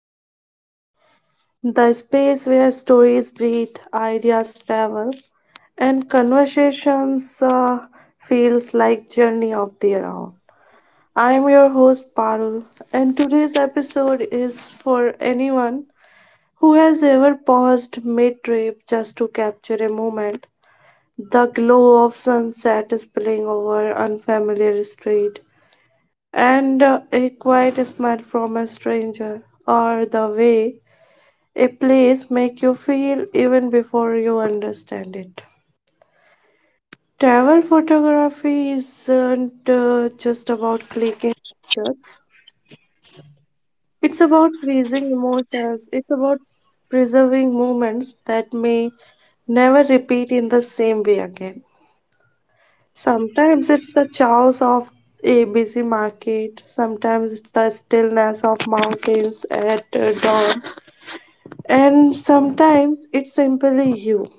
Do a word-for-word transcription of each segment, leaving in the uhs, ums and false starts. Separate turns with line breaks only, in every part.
Talkies, the space where stories breathe, ideas travel, and conversations uh, feels like journey of their own. I am your host Parul, and today's episode is for anyone who has ever paused mid-trip just to capture a moment, the glow of sunset spilling over unfamiliar street and uh, a quiet smile from a stranger, or the way a place make you feel even before you understand it. Travel photography isn't uh, just about clicking pictures. It's about freezing emotions. It's about preserving moments that may never repeat in the same way again. Sometimes it's the chaos of a busy market, sometimes it's the stillness of mountains at uh, dawn, and sometimes it's simply you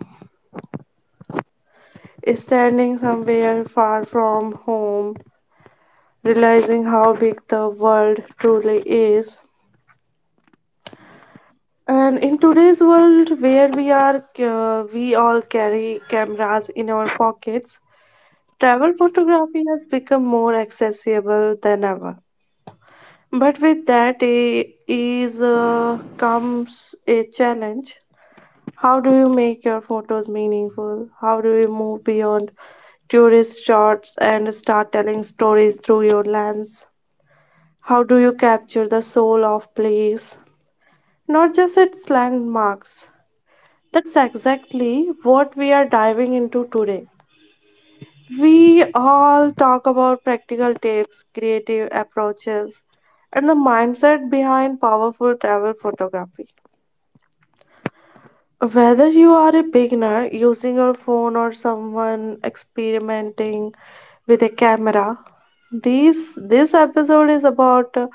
standing somewhere far from home, realizing how big the world truly is. And in today's world where we are, uh, we all carry cameras in our pockets, travel photography has become more accessible than ever. But with that I- is uh, comes a challenge. How do you make your photos meaningful? How do you move beyond tourist shots and start telling stories through your lens? How do you capture the soul of place, not just its landmarks? That's exactly what we are diving into today. We all talk about practical tips, creative approaches, and the mindset behind powerful travel photography. Whether you are a beginner using your phone or someone experimenting with a camera, this this episode is about uh,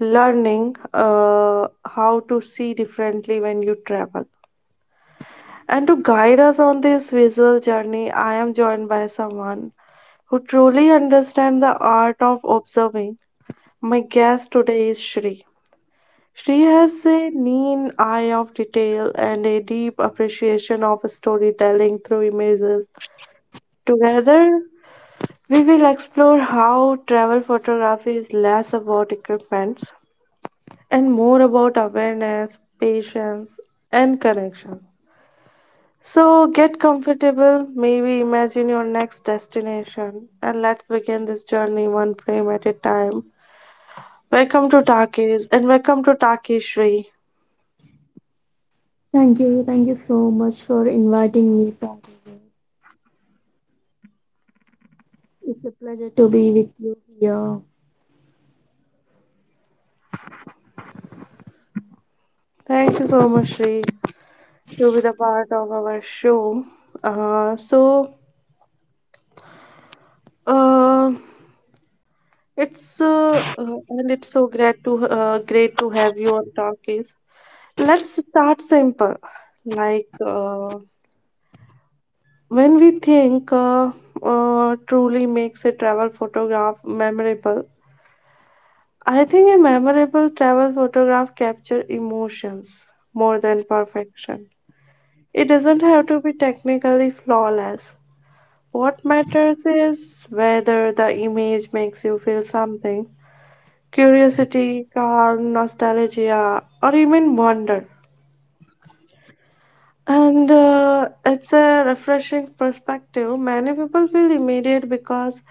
learning uh, how to see differently when you travel. And to guide us on this visual journey, I am joined by someone who truly understand the art of observing. My guest today is Shri. Shri has a keen eye of detail and a deep appreciation of storytelling through images. Together, we will explore how travel photography is less about equipment and more about awareness, patience, and connection. So get comfortable, maybe imagine your next destination, and let's begin this journey one frame at a time. Welcome to Takis and welcome to Taki Shri.
Thank you. Thank you so much for inviting me, Parul. It's a pleasure to be with you here.
Thank you so much, Shri, to be the part of our show. Uh, so uh, it's uh, uh, and it's so great to uh, great to have you on Takis. Let's start simple, like uh, when we think uh, uh, truly makes a travel photograph memorable. I think a memorable travel photograph captures emotions more than perfection. It doesn't have to be technically flawless. What matters is whether the image makes you feel something, curiosity, calm, nostalgia, or even wonder. And uh, it's a refreshing perspective. Many people feel immediate because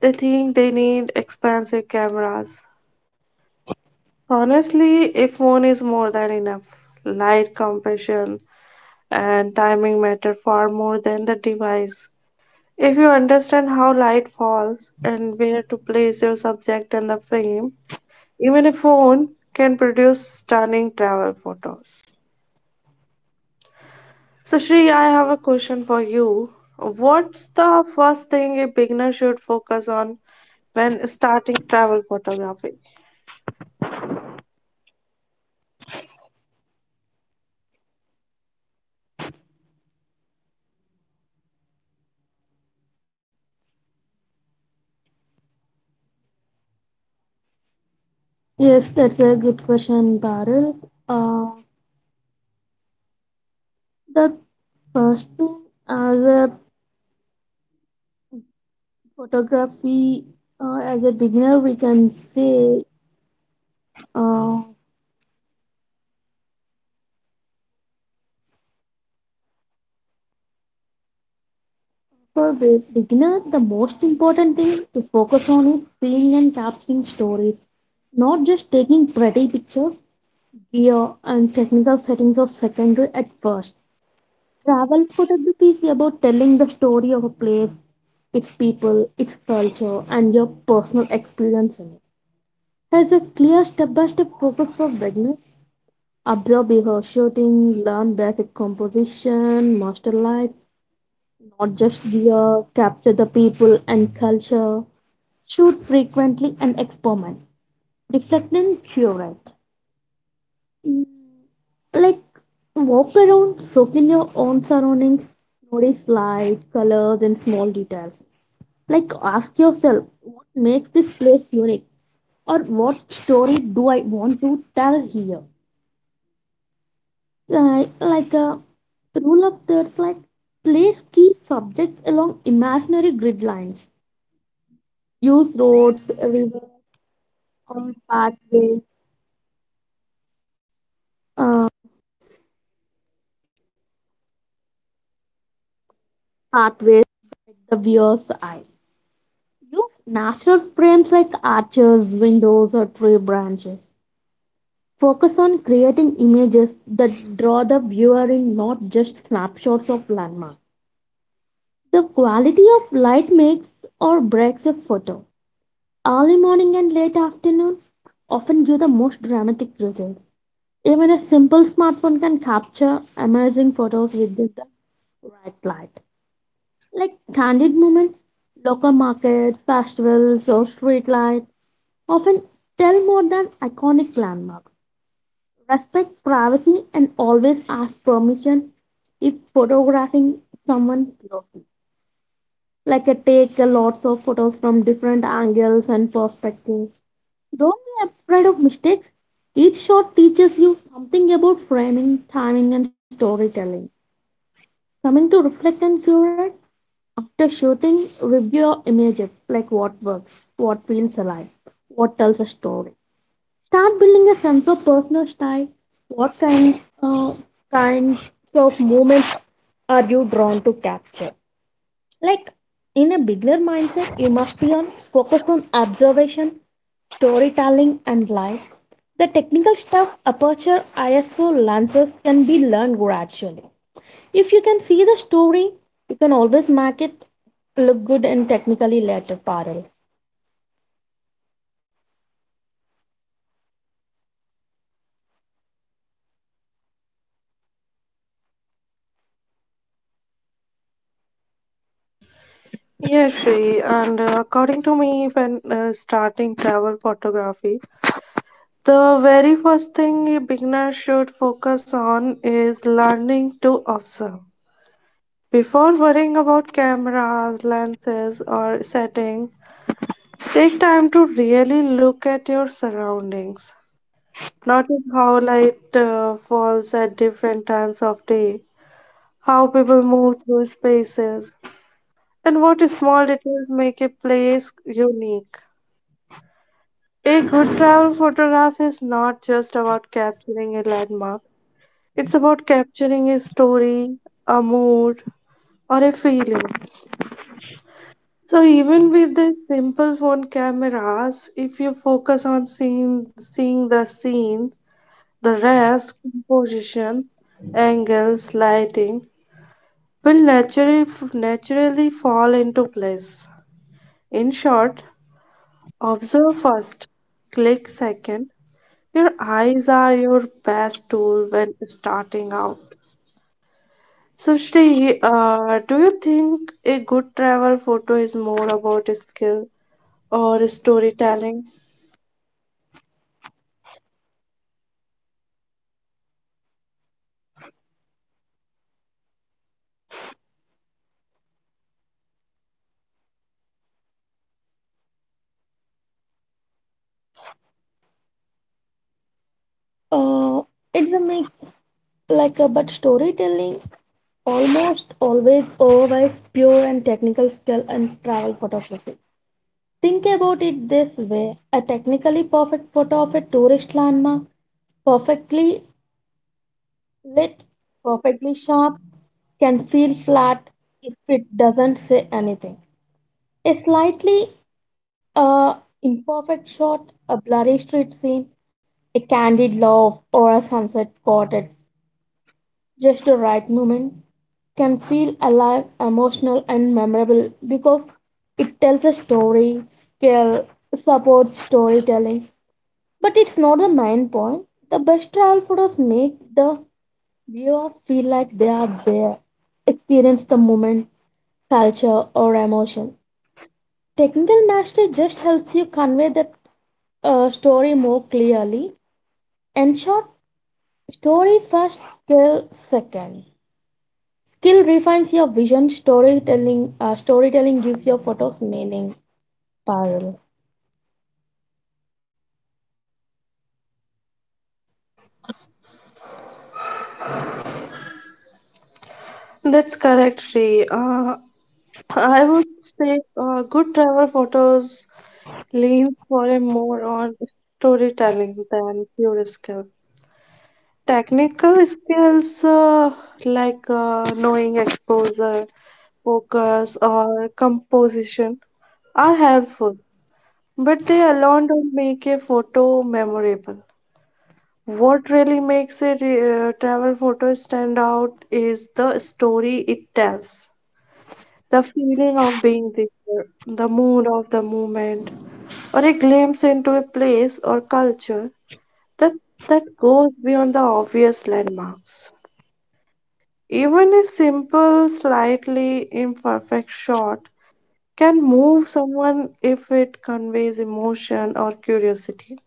they think they need expensive cameras. Honestly, a phone is more than enough. Light, compression, and timing matter far more than the device. If you understand how light falls and where to place your subject in the frame, even a phone can produce stunning travel photos. So, Shri, I have a question for you. What's the first thing a beginner should focus on when starting travel photography?
Yes, that's a good question, Parul. Uh, the first thing as a photography, uh, as a beginner, we can say uh, for be- beginner, the most important thing to focus on is seeing and capturing stories, not just taking pretty pictures, gear, and technical settings of secondary at first. Travel photography is about telling the story of a place, its people, its culture, and your personal experience in it. Has a clear step-by-step focus for beginners. Observe before shooting, learn basic composition, master light, not just gear, capture the people and culture, shoot frequently and experiment. Reflect and curate. Like walk around, soak in your own surroundings, notice light, colors, and small details. Like, ask yourself what makes this place unique, or what story do I want to tell here? Like, like a rule of thirds, like place key subjects along imaginary grid lines. Or frames like arches, windows, or tree branches. Focus on creating images that draw the viewer in, not just snapshots of landmarks. The quality of light makes or breaks a photo. Early morning and late afternoon often give the most dramatic results. Even a simple smartphone can capture amazing photos with the right light. Like candid moments, local markets, festivals, or street light often tell more than iconic landmark. Respect privacy and always ask permission if photographing someone closely. Like uh, take uh, lots of photos from different angles and perspectives. Don't be afraid of mistakes. Each shot teaches you something about framing, timing, and storytelling. Coming to reflect and curate, after shooting, review images like what works, what feels alive, what tells a story. Start building a sense of personal style. What kind, uh, kinds of moments are you drawn to capture? Like in a beginner mindset, you must be on focus on observation, storytelling, and life. The technical stuff, aperture, ISO, lenses can be learned gradually. If you can see the story, you can always make it look good and technically later parallel.
Yes, Shri, and uh, according to me, when uh, starting travel photography, the very first thing a beginner should focus on is learning to observe. Before worrying about cameras, lenses, or setting, take time to really look at your surroundings. Notice how light uh, falls at different times of day, how people move through spaces, and what small details make a place unique. A good travel photograph is not just about capturing a landmark, it's about capturing a story, a mood, or a feeling. So even with the simple phone cameras, if you focus on seeing seeing the scene, the rest, composition, angles, lighting will naturally naturally fall into place. In short, observe first, click second. Your eyes are your best tool when starting out. So Shri, uh, do you think a good travel photo is more about skill or storytelling?
Uh, it's a mix, like a but storytelling almost always overrides pure and technical skill and travel photography. Think about it this way a technically perfect photo of a tourist landmark, perfectly lit, perfectly sharp, can feel flat if it doesn't say anything. A slightly uh, imperfect shot, a blurry street scene, a candid love, or a sunset caught at just the right moment can feel alive, emotional, and memorable because it tells a story, skill, supports storytelling, but it's not the main point. The best travel photos make the viewer feel like they are there, experience the moment, culture, or emotion. Technical mastery just helps you convey that uh, story more clearly. And short story first, skill second. Skill refines your vision. Storytelling, uh, storytelling gives your photos meaning. Parallel.
That's correct, Sri. Uh, I would say uh, good travel photos lean for a more on storytelling than pure skill. Technical skills uh, like uh, knowing exposure, focus, or composition are helpful, but they alone don't make a photo memorable. What really makes a re- uh, travel photo stand out is the story it tells. The feeling of being there, the mood of the moment, or a glimpse into a place or culture that, that goes beyond the obvious landmarks. Even a simple, slightly imperfect shot can move someone if it conveys emotion or curiosity.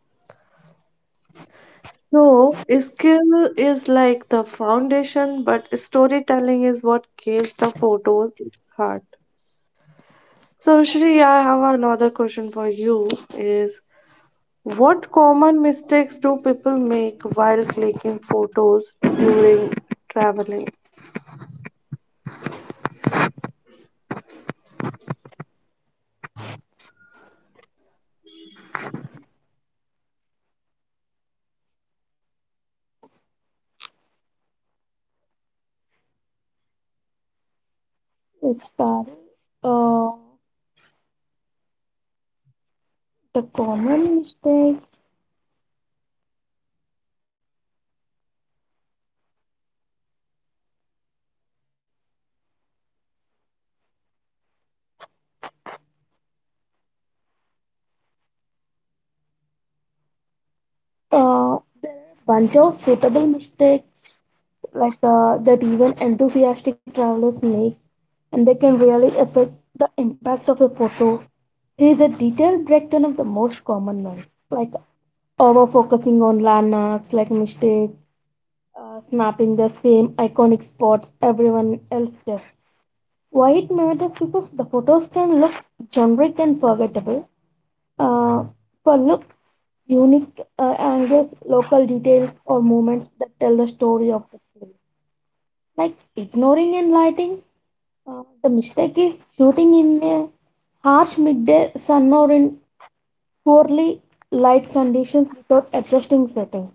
So, skill is like the foundation, but storytelling is what gives the photos its heart. So, Shri, I have another question for you. Is What common mistakes do people make while clicking photos during traveling?
It's parallel. Uh, the common mistake uh, there are a bunch of suitable mistakes like uh, that even enthusiastic travelers make and they can really affect the impact of a photo. Here's a detailed breakdown of the most common ones, like over-focusing on landmarks, like mistake, uh, snapping the same iconic spots everyone else does. Why it matters because the photos can look generic and forgettable, uh, for look unique uh, angles, local details, or moments that tell the story of the film. Like ignoring and lighting, uh, the mistake is shooting in a harsh midday sun or in poorly light conditions without adjusting settings.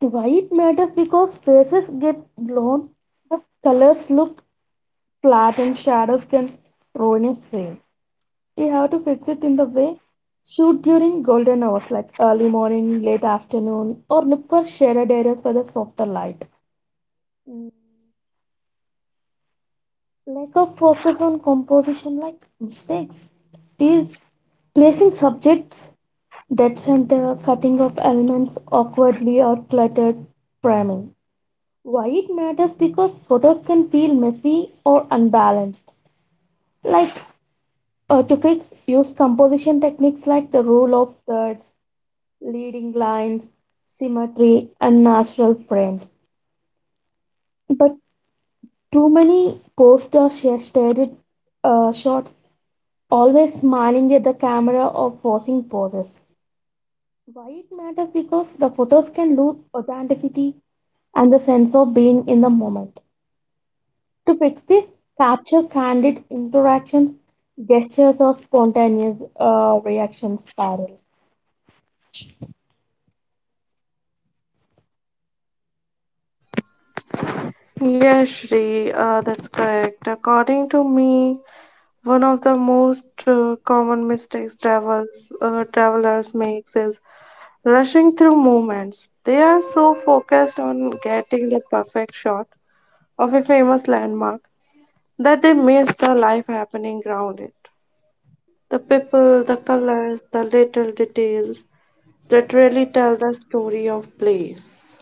Why it matters because faces get blown, the colors look flat, and shadows can ruin a scene. We have to fix it in the way shoot during golden hours like early morning, late afternoon, or look for shaded areas for the softer light. Lack of focus on composition like mistakes, is placing subjects, dead center, cutting of elements awkwardly or cluttered, priming. Why it matters because photos can feel messy or unbalanced. Like uh, to fix, use composition techniques like the rule of thirds leading lines, symmetry, and natural frames. But too many posters sh- staged uh, shots, always smiling at the camera or forcing poses. Why it matters because the photos can lose authenticity and the sense of being in the moment. To fix this, capture candid interactions, gestures, or spontaneous uh, reactions parallel.
Yes, Shri, uh, that's correct. According to me, one of the most uh, common mistakes travels uh, travelers makes is rushing through movements. They are so focused on getting the perfect shot of a famous landmark that they miss the life happening around it. The people, the colors, the little details that really tell the story of place.